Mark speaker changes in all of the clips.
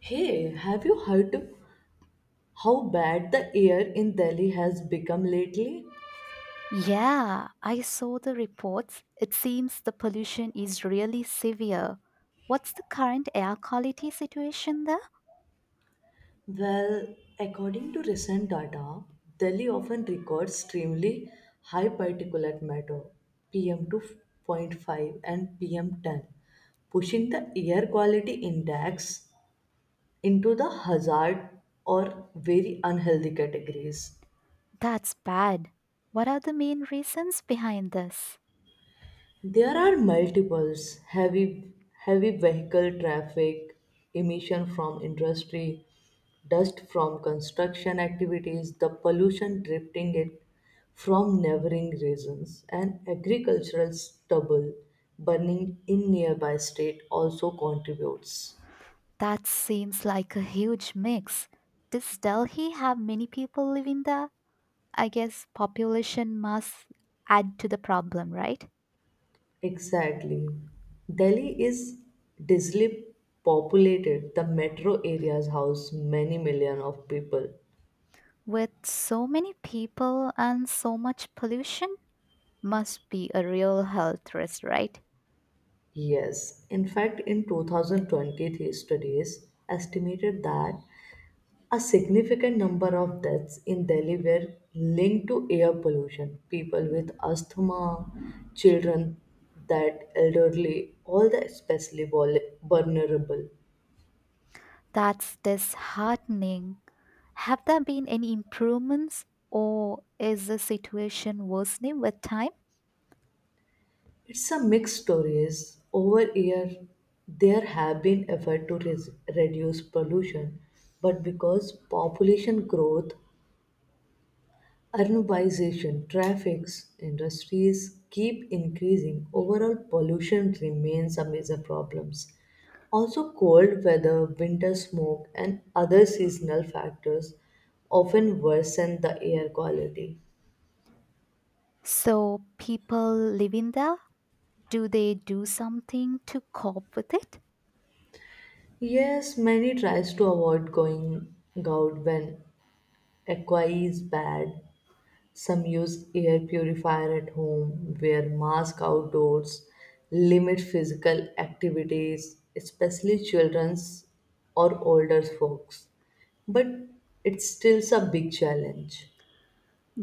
Speaker 1: Hey, have you heard how bad the air in Delhi has become lately?
Speaker 2: Yeah, I saw the reports. It seems the pollution is really severe. What's the current air quality situation there?
Speaker 1: Well, according to recent data, Delhi often records extremely high particulate matter PM 2.5 and PM 10, pushing the air quality index into the hazard or very unhealthy categories.
Speaker 2: That's bad. What are the main reasons behind this?
Speaker 1: There are multiples heavy vehicle traffic emission from industry, dust from construction activities, the pollution drifting it from neighboring regions, and agricultural stubble burning in nearby state also contributes.
Speaker 2: That seems like a huge mix. Does Delhi have many people living there? I guess population must add to the problem, right?
Speaker 1: Exactly. Delhi is densely populated. The metro areas house many million of people.
Speaker 2: With so many people and so much pollution, must be a real health risk, right?
Speaker 1: Yes, in fact, in 2023 studies estimated that a significant number of deaths in Delhi were linked to air pollution. People with asthma, children, that elderly, all the especially vulnerable.
Speaker 2: That's disheartening. Have there been any improvements, or is the situation worsening with time?
Speaker 1: It's a mixed stories. Over year, there have been efforts to reduce pollution, but because population growth, urbanization, traffic, industries keep increasing. Overall pollution remains a major problem. Also, cold weather, winter smoke, and other seasonal factors often worsen the air quality.
Speaker 2: So, people living there, do they do something to cope with it?
Speaker 1: Yes, many tries to avoid going out when aqua is bad. Some use air purifier at home, wear mask outdoors, limit physical activities, especially children's or older folks. But it's stills a big challenge.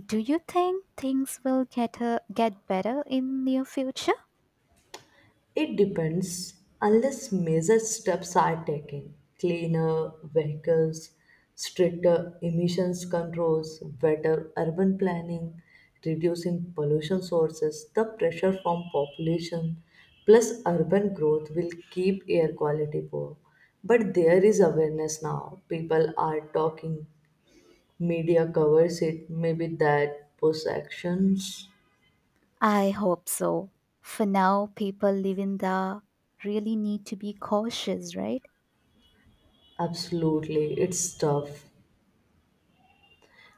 Speaker 2: Do you think things will get better in near future?
Speaker 1: It depends, unless major steps are taken, cleaner vehicles, stricter emissions controls, better urban planning, reducing pollution sources. The pressure from population plus urban growth will keep air quality poor. But there is awareness now. People are talking, media covers it. Maybe that push actions.
Speaker 2: I hope so. For now, people living there really need to be cautious, right?
Speaker 1: Absolutely, it's tough.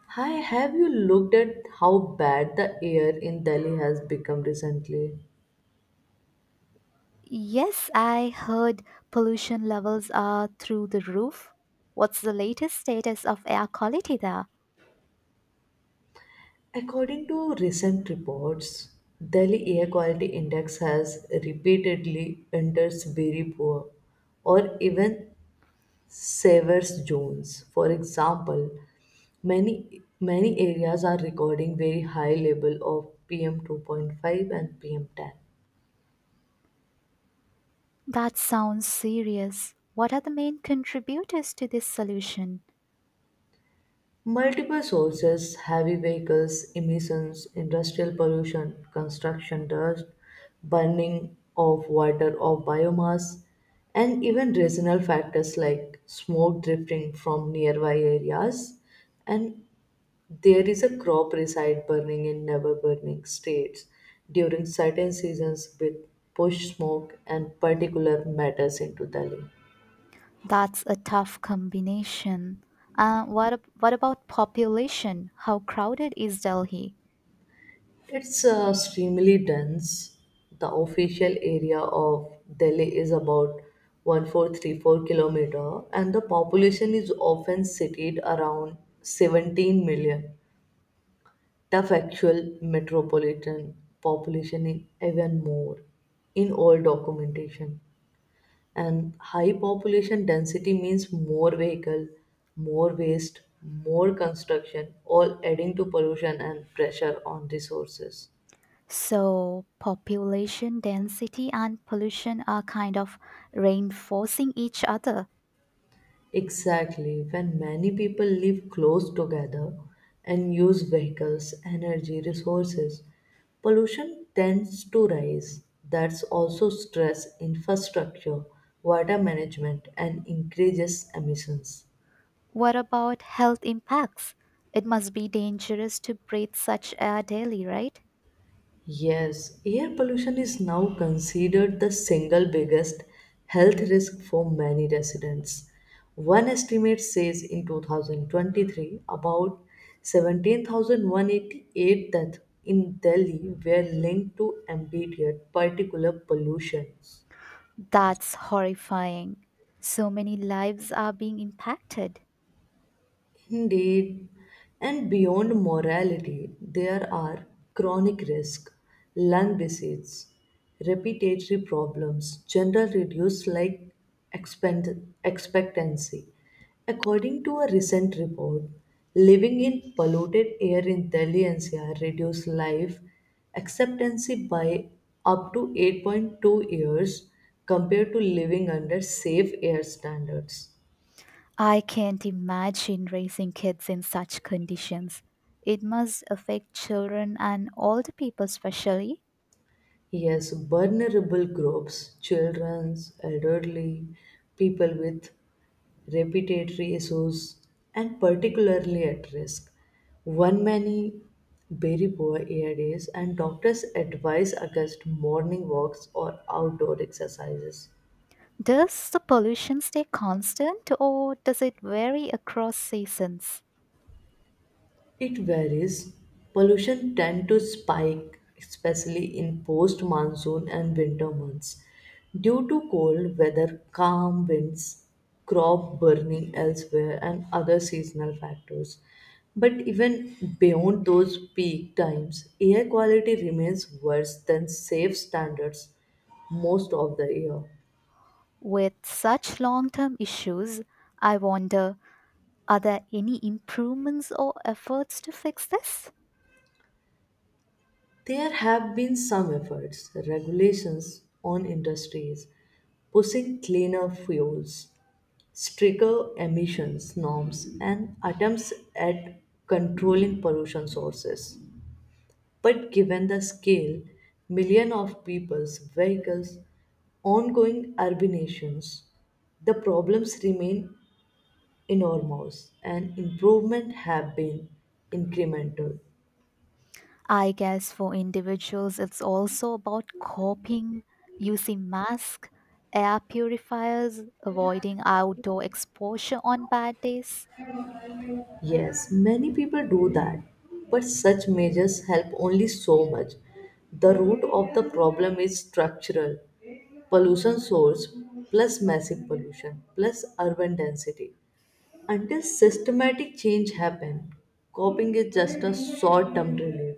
Speaker 1: Hi, have you looked at how bad the air in Delhi has become recently?
Speaker 2: Yes, I heard pollution levels are through the roof. What's the latest status of air quality there?
Speaker 1: According to recent reports, Delhi Air Quality Index has repeatedly enters very poor or even severe zones. For example, many areas are recording very high level of PM 2.5 and PM 10.
Speaker 2: That sounds serious. What are the main contributors to this solution?
Speaker 1: Multiple sources, heavy vehicles, emissions, industrial pollution, construction dust, burning of water or biomass, and even regional factors like smoke drifting from nearby areas. And there is a crop reside burning in never burning states during certain seasons with push smoke and particular matters into the lake.
Speaker 2: That's a tough combination. What about population? How crowded is Delhi?
Speaker 1: It's extremely dense. The official area of Delhi is about 1434 kilometer and the population is often cited around 17 million. The factual metropolitan population is even more in all documentation. And high population density means more vehicle, more waste, more construction, all adding to pollution and pressure on resources.
Speaker 2: So, population density and pollution are kind of reinforcing each other.
Speaker 1: Exactly. When many people live close together and use vehicles, energy, resources, pollution tends to rise. That's also stress infrastructure, water management, and increases emissions.
Speaker 2: What about health impacts? It must be dangerous to breathe such air daily, right?
Speaker 1: Yes, air pollution is now considered the single biggest health risk for many residents. One estimate says in 2023, about 17,188 deaths in Delhi were linked to ambient particulate pollution.
Speaker 2: That's horrifying. So many lives are being impacted.
Speaker 1: Indeed, and beyond morality, there are chronic risks, lung disease, respiratory problems, general reduced life expect- expectancy. According to a recent report, living in polluted air in Delhi NCR reduced life expectancy by up to 8.2 years compared to living under safe air standards.
Speaker 2: I can't imagine raising kids in such conditions. It must affect children and older people, especially.
Speaker 1: Yes, vulnerable groups, children, elderly, people with respiratory issues, and particularly at risk. One many very poor ARDs and doctors advise against morning walks or outdoor exercises.
Speaker 2: Does the pollution stay constant, or does it vary across seasons?
Speaker 1: It varies. Pollution tend to spike, especially in post-monsoon and winter months, due to cold weather, calm winds, crop burning elsewhere, and other seasonal factors. But even beyond those peak times, air quality remains worse than safe standards most of the year.
Speaker 2: With such long term issues, I wonder, are there any improvements or efforts to fix this?
Speaker 1: There have been some efforts, regulations on industries, pushing cleaner fuels, stricter emissions norms and attempts at controlling pollution sources. But given the scale, million of people's vehicles, ongoing urbanations, the problems remain enormous and improvement have been incremental.
Speaker 2: I guess for individuals, it's also about coping, using masks, air purifiers, avoiding outdoor exposure on bad days.
Speaker 1: Yes, many people do that, but such measures help only so much. The root of the problem is structural pollution source plus massive pollution plus urban density. Until systematic change happens, coping is just a short-term relief.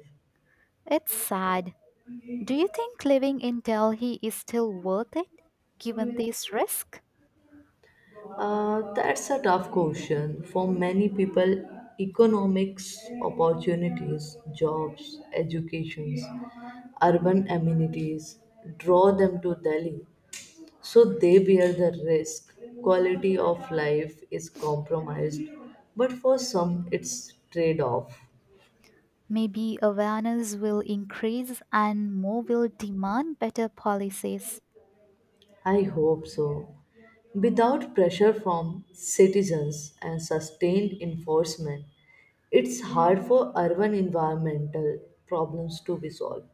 Speaker 2: It's sad. Do you think living in Delhi is still worth it given this risk?
Speaker 1: That's a tough question. For many people, economics, opportunities, jobs, educations, urban amenities draw them to Delhi. So they bear the risk. Quality of life is compromised, but for some, it's trade off.
Speaker 2: Maybe awareness will increase and more will demand better policies.
Speaker 1: I hope so. Without pressure from citizens and sustained enforcement, it's hard for urban environmental problems to be solved.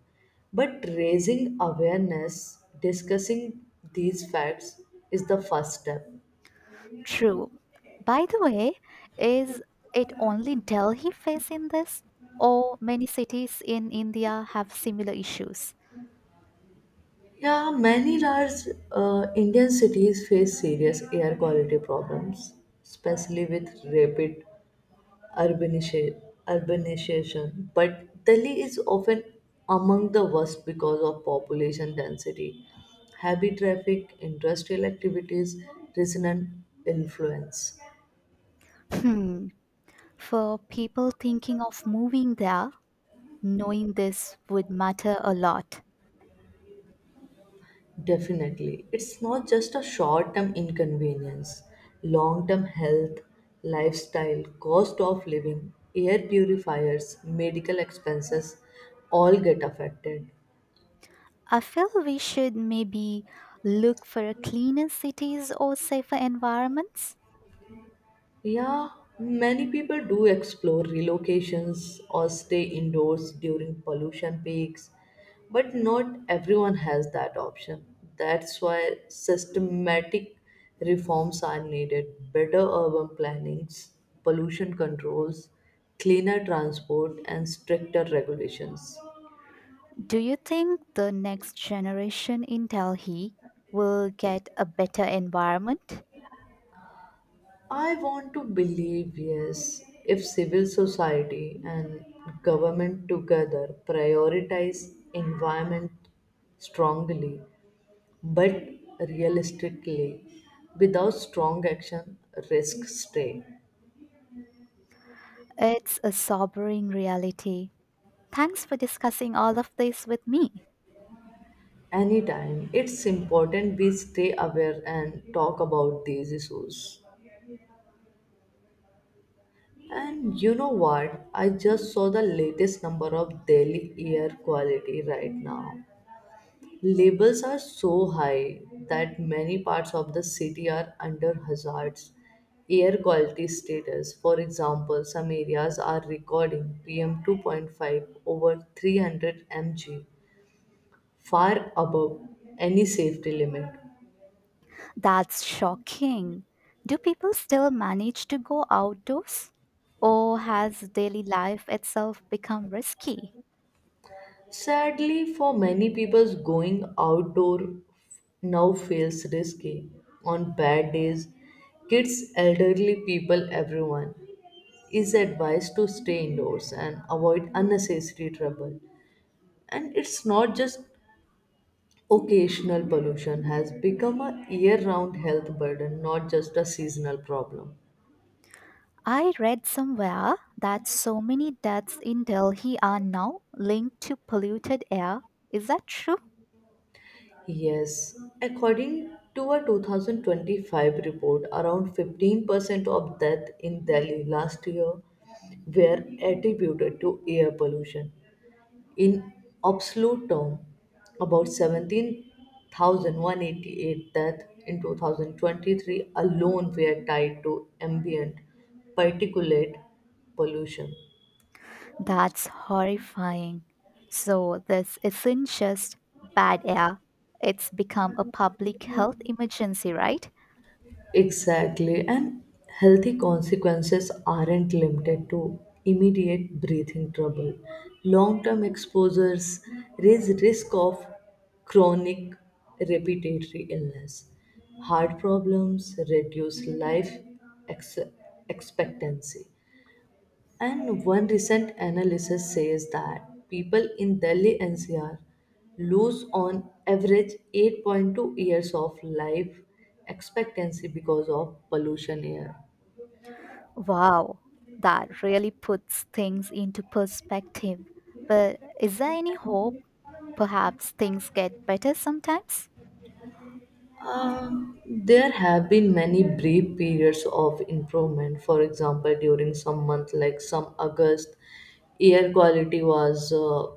Speaker 1: But raising awareness, discussing these facts is the first step.
Speaker 2: True. By the way, is it only Delhi facing this? Or many cities in India have similar issues?
Speaker 1: Yeah, many large Indian cities face serious air quality problems, especially with rapid urbanisha- urbanization, but Delhi is often among the worst because of population density, heavy traffic, industrial activities, resonant influence.
Speaker 2: Hmm. For people thinking of moving there, knowing this would matter a lot.
Speaker 1: Definitely, it's not just a short term inconvenience, long term health, lifestyle, cost of living, air purifiers, medical expenses all get affected.
Speaker 2: I feel we should maybe look for a cleaner cities or safer environments.
Speaker 1: Yeah, many people do explore relocations or stay indoors during pollution peaks, but not everyone has that option. That's why systematic reforms are needed, better urban plannings, pollution controls, cleaner transport, and stricter regulations.
Speaker 2: Do you think the next generation in Delhi will get a better environment?
Speaker 1: I want to believe yes, if civil society and government together prioritize environment strongly, but realistically, without strong action risks stay.
Speaker 2: It's a sobering reality. Thanks for discussing all of this with me.
Speaker 1: Anytime, it's important we stay aware and talk about these issues. And you know what, I just saw the latest number of Delhi air quality right now. Labels are so high that many parts of the city are under hazards. Air quality status, for example, some areas are recording PM 2.5 over 300 mg, far above any safety limit.
Speaker 2: That's shocking. Do people still manage to go outdoors? Or has daily life itself become risky?
Speaker 1: Sadly, for many people, going outdoor now feels risky. On bad days, kids, elderly people, everyone is advised to stay indoors and avoid unnecessary trouble. And it's not just occasional, pollution has become a year-round health burden, not just a seasonal problem.
Speaker 2: I read somewhere that so many deaths in Delhi are now linked to polluted air. Is that true?
Speaker 1: Yes, according to a 2025 report, around 15% of death in Delhi last year were attributed to air pollution. In absolute term, about 17,188 deaths in 2023 alone were tied to ambient particulate pollution.
Speaker 2: That's horrifying. So, this isn't just bad air, it's become a public health emergency, right?
Speaker 1: Exactly, and healthy consequences aren't limited to immediate breathing trouble. Long term exposures raise risk of chronic respiratory illness, heart problems, reduce life ex- expectancy, and one recent analysis says that people in Delhi NCR lose on average 8.2 years of life expectancy because of pollution air.
Speaker 2: Wow, that really puts things into perspective. But is there any hope? Perhaps things get better sometimes?
Speaker 1: There have been many brief periods of improvement. For example, during some month like some August, air quality was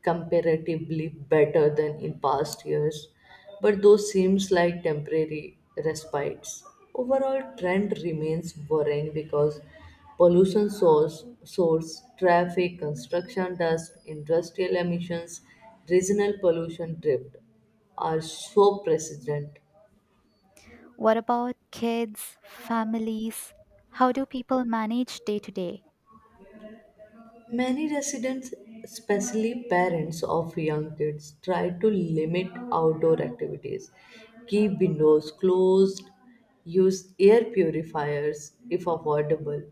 Speaker 1: comparatively better than in past years, but those seems like temporary respites. Overall trend remains worrying because pollution source, traffic, construction dust, industrial emissions, regional pollution drift are so persistent.
Speaker 2: What about kids, families? How do people manage day to day?
Speaker 1: Many residents, especially parents of young kids, try to limit outdoor activities, keep windows closed, use air purifiers if affordable.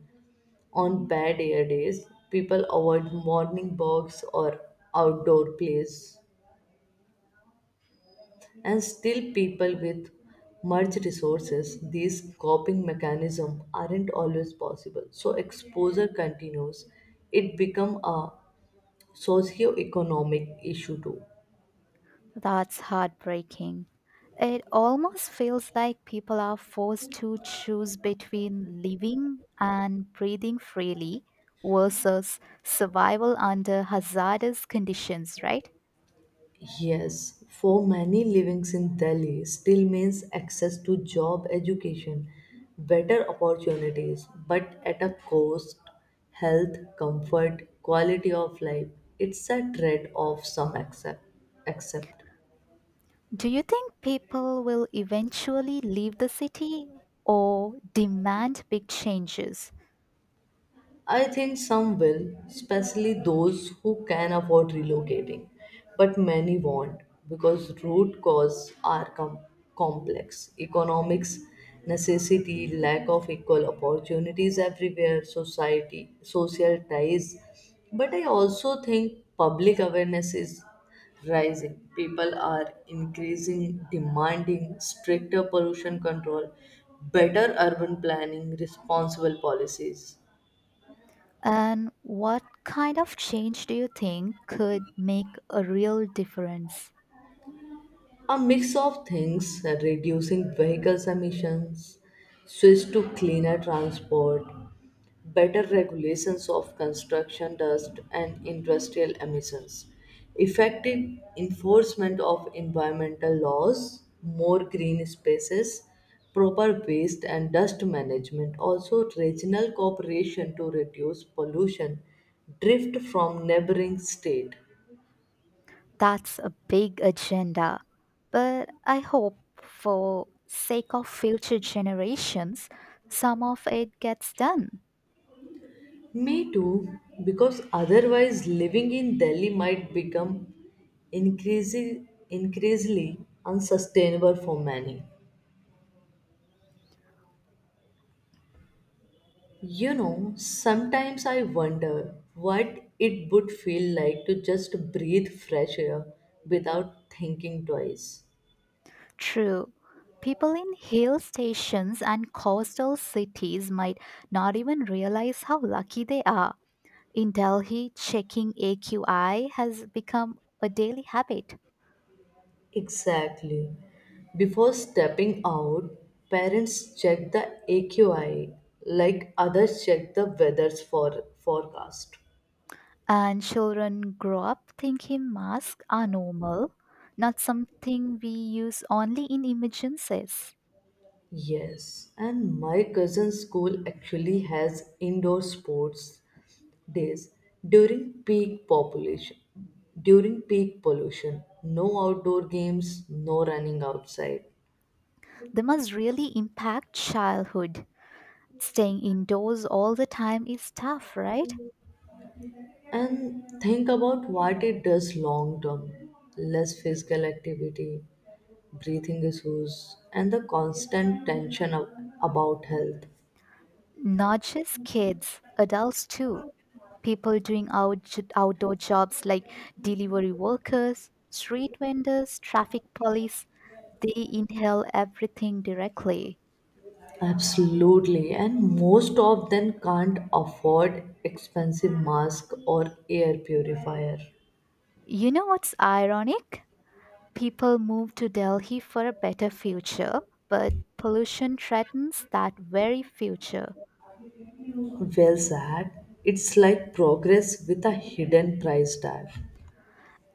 Speaker 1: On bad air days, people avoid morning walks or outdoor plays, and still people with much resources, these coping mechanisms aren't always possible. So exposure continues. It become a socio-economic issue too.
Speaker 2: That's heartbreaking. It almost feels like people are forced to choose between living and breathing freely versus survival under hazardous conditions, right?
Speaker 1: Yes, for many livings in Delhi still means access to job, education, better opportunities, but at a cost, health, comfort, quality of life. It's a trade-off some accept. Accept.
Speaker 2: Do you think people will eventually leave the city or demand big changes?
Speaker 1: I think some will, especially those who can afford relocating, but many won't because root causes are complex. Economics, necessity, lack of equal opportunities everywhere, society, social ties. But I also think public awareness is rising. People are increasing, demanding stricter pollution control, better urban planning, responsible policies.
Speaker 2: And what kind of change do you think could make a real difference?
Speaker 1: A mix of things, reducing vehicles emissions, switch to cleaner transport, better regulations of construction dust and industrial emissions, effective enforcement of environmental laws, more green spaces, proper waste and dust management, also regional cooperation to reduce pollution drift from neighboring state.
Speaker 2: That's a big agenda. But I hope for sake of future generations some of it gets done.
Speaker 1: Me too, because otherwise living in Delhi might become increasingly unsustainable for many. You know, sometimes I wonder what it would feel like to just breathe fresh air without thinking twice.
Speaker 2: True. People in hill stations and coastal cities might not even realize how lucky they are. In Delhi, checking AQI has become a daily habit,
Speaker 1: Exactly. Before stepping out, parents check the AQI like others check the weather's forecast.
Speaker 2: and children grow up thinking masks are normal, not something we use only in emergencies.
Speaker 1: Yes, and my cousin's school actually has indoor sports days during peak population, during peak pollution. No outdoor games, no running outside.
Speaker 2: They must really impact childhood. Staying indoors all the time is tough, right?
Speaker 1: And think about what it does long term, less physical activity, breathing issues, and the constant tension about health.
Speaker 2: Not just kids, adults too. People doing outdoor jobs like delivery workers, street vendors, traffic police. They inhale everything directly.
Speaker 1: Absolutely, and most of them can't afford expensive mask or air purifier.
Speaker 2: You know what's ironic? People move to Delhi for a better future, but pollution threatens that very future.
Speaker 1: Well said. It's like progress with a hidden price tag.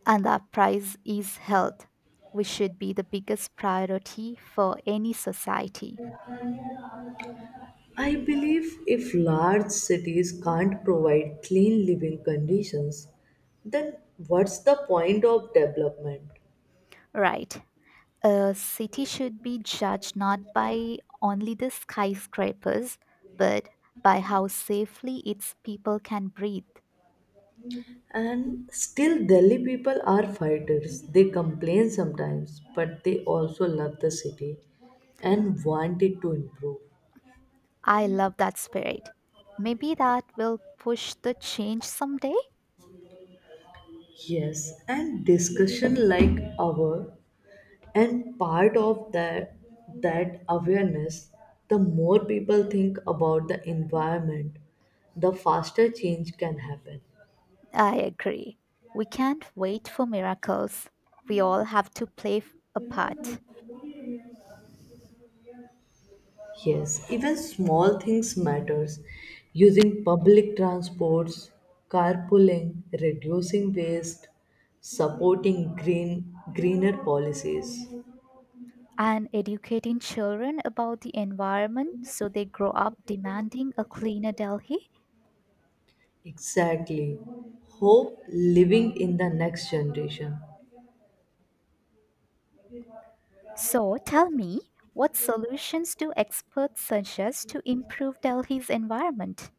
Speaker 2: And our prize is health, which should be the biggest priority for any society.
Speaker 1: I believe if large cities can't provide clean living conditions, then what's the point of development?
Speaker 2: Right. A city should be judged not by only the skyscrapers, but by how safely its people can breathe.
Speaker 1: And still, Delhi people are fighters. They complain sometimes, but they also love the city and want it to improve.
Speaker 2: I love that spirit. Maybe that will push the change someday.
Speaker 1: Yes, and discussion like our and part of that awareness, the more people think about the environment, the faster change can happen.
Speaker 2: I agree. We can't wait for miracles. We all have to play a part.
Speaker 1: Yes, even small things matters. Using public transports, carpooling, reducing waste, supporting greener policies.
Speaker 2: And educating children about the environment so they grow up demanding a cleaner Delhi.
Speaker 1: Exactly. Hope living in the next generation.
Speaker 2: So tell me, what solutions do experts suggest to improve Delhi's environment?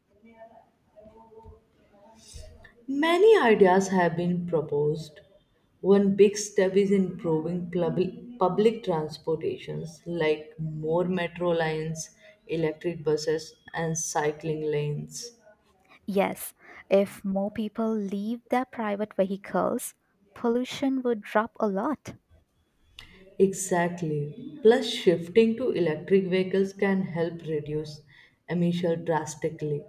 Speaker 1: Many ideas have been proposed. One big step is improving public transportations like more metro lines, electric buses, and cycling lanes.
Speaker 2: Yes, if more people leave their private vehicles, pollution would drop a lot.
Speaker 1: Exactly. Plus, shifting to electric vehicles can help reduce emissions drastically.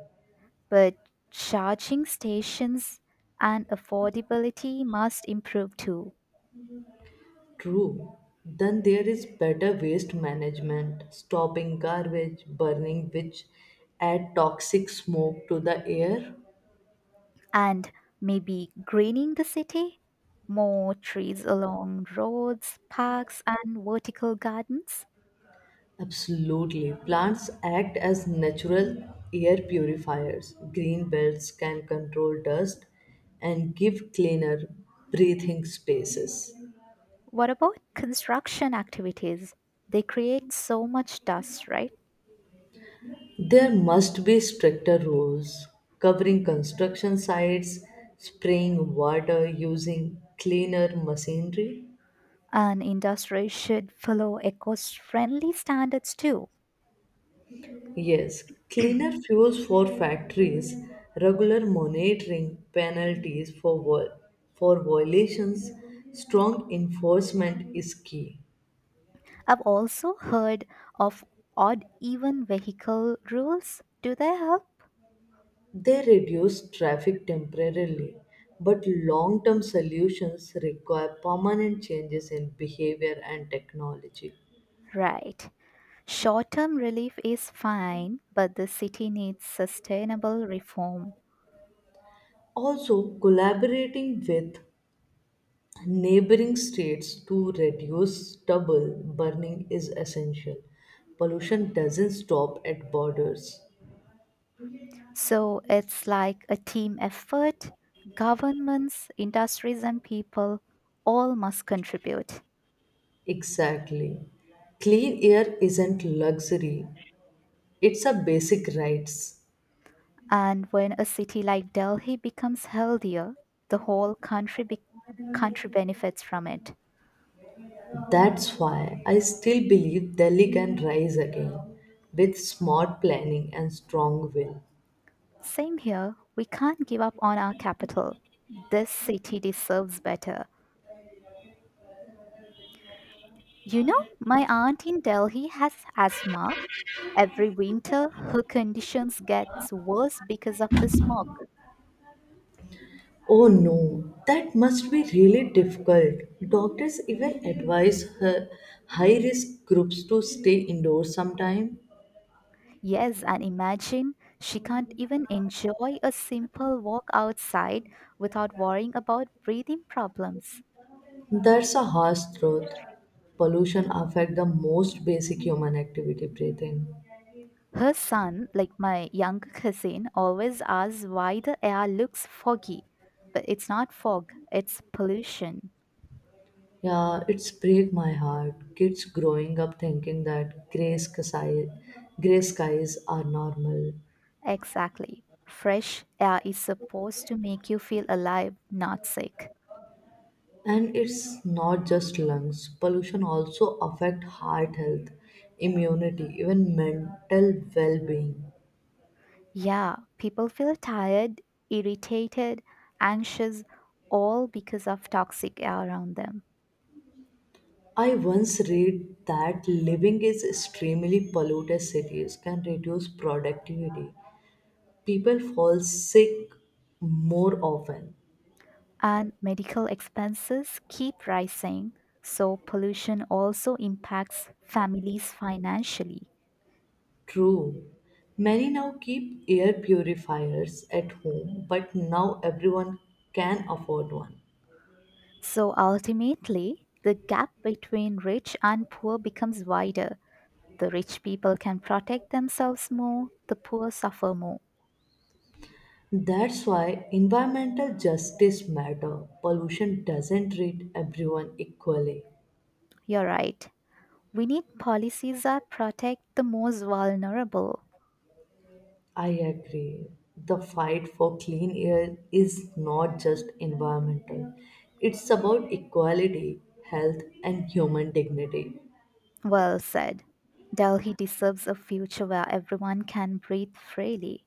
Speaker 2: But charging stations and affordability must improve too.
Speaker 1: True. Then there is better waste management, stopping garbage, burning which add toxic smoke to the air.
Speaker 2: And maybe greening the city? More trees along roads, parks, and vertical gardens?
Speaker 1: Absolutely. Plants act as natural air purifiers. Green belts can control dust and give cleaner breathing spaces.
Speaker 2: What about construction activities? They create so much dust, right?
Speaker 1: There must be stricter rules covering construction sites, spraying water using cleaner machinery.
Speaker 2: And industry should follow eco friendly standards too.
Speaker 1: Yes, cleaner fuels for factories, regular monitoring, penalties for violations, strong enforcement is key.
Speaker 2: I've also heard of odd even vehicle rules. Do they help?
Speaker 1: They reduce traffic temporarily, but long term solutions require permanent changes in behavior and technology.
Speaker 2: Right. Short term relief is fine, but the city needs sustainable reform.
Speaker 1: Also, collaborating with neighboring states to reduce stubble burning is essential. Pollution doesn't stop at borders.
Speaker 2: So it's like a team effort. Governments, industries, and people all must contribute.
Speaker 1: Exactly. Clean air isn't luxury, it's a basic right.
Speaker 2: And when a city like Delhi becomes healthier, the whole country benefits from it.
Speaker 1: That's why I still believe Delhi can rise again with smart planning and strong will.
Speaker 2: Same here, we can't give up on our capital. This city deserves better. You know, my aunt in Delhi has asthma. Every winter, her conditions gets worse because of the smog.
Speaker 1: Oh no, that must be really difficult. Doctors even advise her high risk groups to stay indoors sometime.
Speaker 2: Yes, and imagine she can't even enjoy a simple walk outside without worrying about breathing problems.
Speaker 1: That's a harsh truth. Pollution affect the most basic human activity, breathing.
Speaker 2: Her son, like my younger cousin, always asks why the air looks foggy. But it's not fog, it's pollution.
Speaker 1: Yeah, it's break my heart. Kids growing up thinking that gray sky, gray skies are normal.
Speaker 2: Exactly. Fresh air is supposed to make you feel alive, not sick.
Speaker 1: And it's not just lungs. Pollution also affect heart health, immunity, even mental well-being.
Speaker 2: Yeah, people feel tired, irritated, anxious, all because of toxic air around them.
Speaker 1: I once read that living in extremely polluted cities can reduce productivity. People fall sick more often.
Speaker 2: And medical expenses keep rising, so pollution also impacts families financially.
Speaker 1: True. Many now keep air purifiers at home, but now everyone can afford one.
Speaker 2: So ultimately, the gap between rich and poor becomes wider. The rich people can protect themselves more, the poor suffer more.
Speaker 1: That's why environmental justice matter. Pollution doesn't treat everyone equally.
Speaker 2: You're right. We need policies that protect the most vulnerable.
Speaker 1: I agree. The fight for clean air is not just environmental. It's about equality, health and human dignity.
Speaker 2: Well said. Delhi deserves a future where everyone can breathe freely.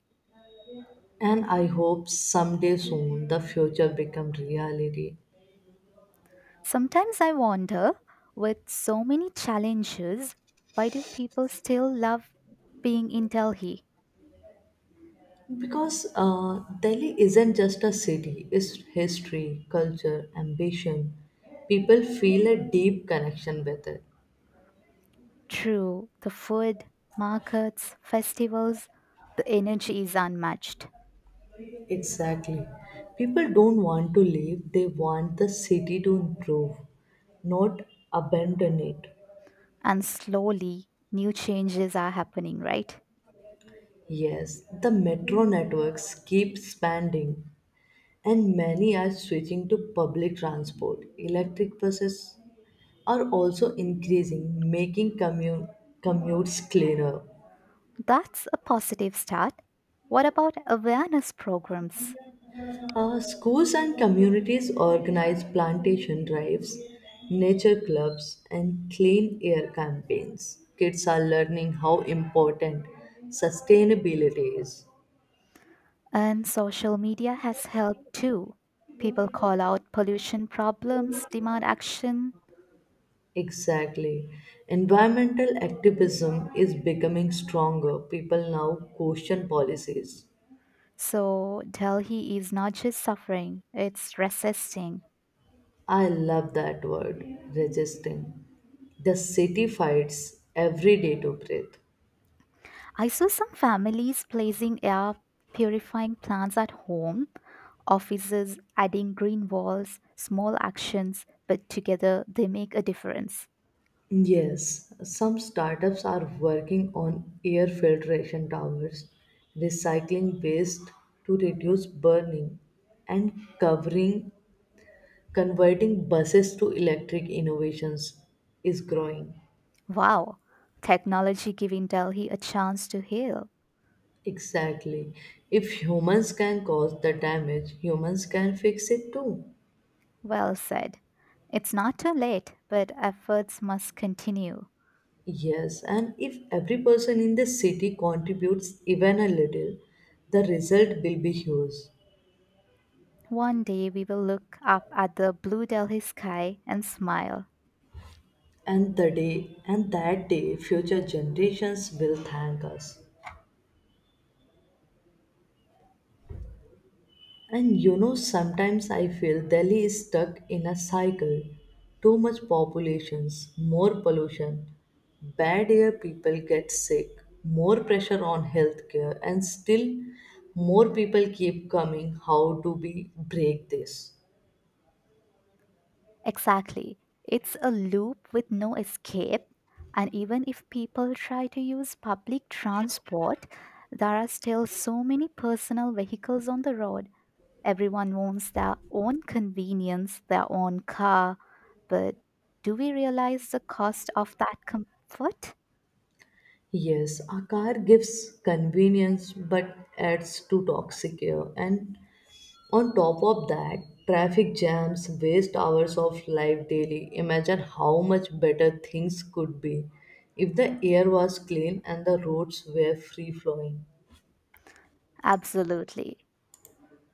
Speaker 1: And I hope someday soon the future become reality.
Speaker 2: Sometimes I wonder, with so many challenges, why do people still love being in Delhi?
Speaker 1: Because Delhi isn't just a city, it's history, culture, ambition. People feel a deep connection with it.
Speaker 2: True, the food, markets, festivals, the energy is unmatched.
Speaker 1: Exactly. People don't want to leave, they want the city to improve, not abandon it.
Speaker 2: And slowly, new changes are happening, right?
Speaker 1: Yes, the metro networks keep expanding, and many are switching to public transport. Electric buses are also increasing, making commutes cleaner.
Speaker 2: That's a positive start. What about awareness programs?
Speaker 1: Schools and communities organize plantation drives, nature clubs, and clean air campaigns. Kids are learning how important sustainability is.
Speaker 2: And social media has helped too. People call out pollution problems, demand action.
Speaker 1: Exactly. Environmental activism is becoming stronger. People now question policies.
Speaker 2: So Delhi is not just suffering, it's resisting.
Speaker 1: I love that word, resisting. The city fights every day to breathe.
Speaker 2: I saw some families placing air purifying plants at home, offices adding green walls, small actions, but together they make a difference.
Speaker 1: Yes, some startups are working on air filtration towers, recycling waste to reduce burning, and covering converting buses to electric innovations is growing.
Speaker 2: Wow, technology giving Delhi a chance to heal.
Speaker 1: Exactly. If humans can cause the damage, humans can fix it too.
Speaker 2: Well said. It's not too late, but efforts must continue.
Speaker 1: Yes, and if every person in the city contributes even a little, the result will be huge.
Speaker 2: One day we will look up at the blue Delhi sky and smile.
Speaker 1: And the day and that day future generations will thank us. And you know sometimes I feel Delhi is stuck in a cycle. Too much populations, more pollution, bad air people get sick, more pressure on healthcare and still more people keep coming. How do we break this?
Speaker 2: Exactly. It's a loop with no escape. And even if people try to use public transport, there are still so many personal vehicles on the road. Everyone wants their own convenience, their own car. But do we realize the cost of that comfort?
Speaker 1: Yes, a car gives convenience but adds to toxic air. And on top of that, traffic jams waste hours of life daily. Imagine how much better things could be if the air was clean and the roads were free flowing.
Speaker 2: Absolutely.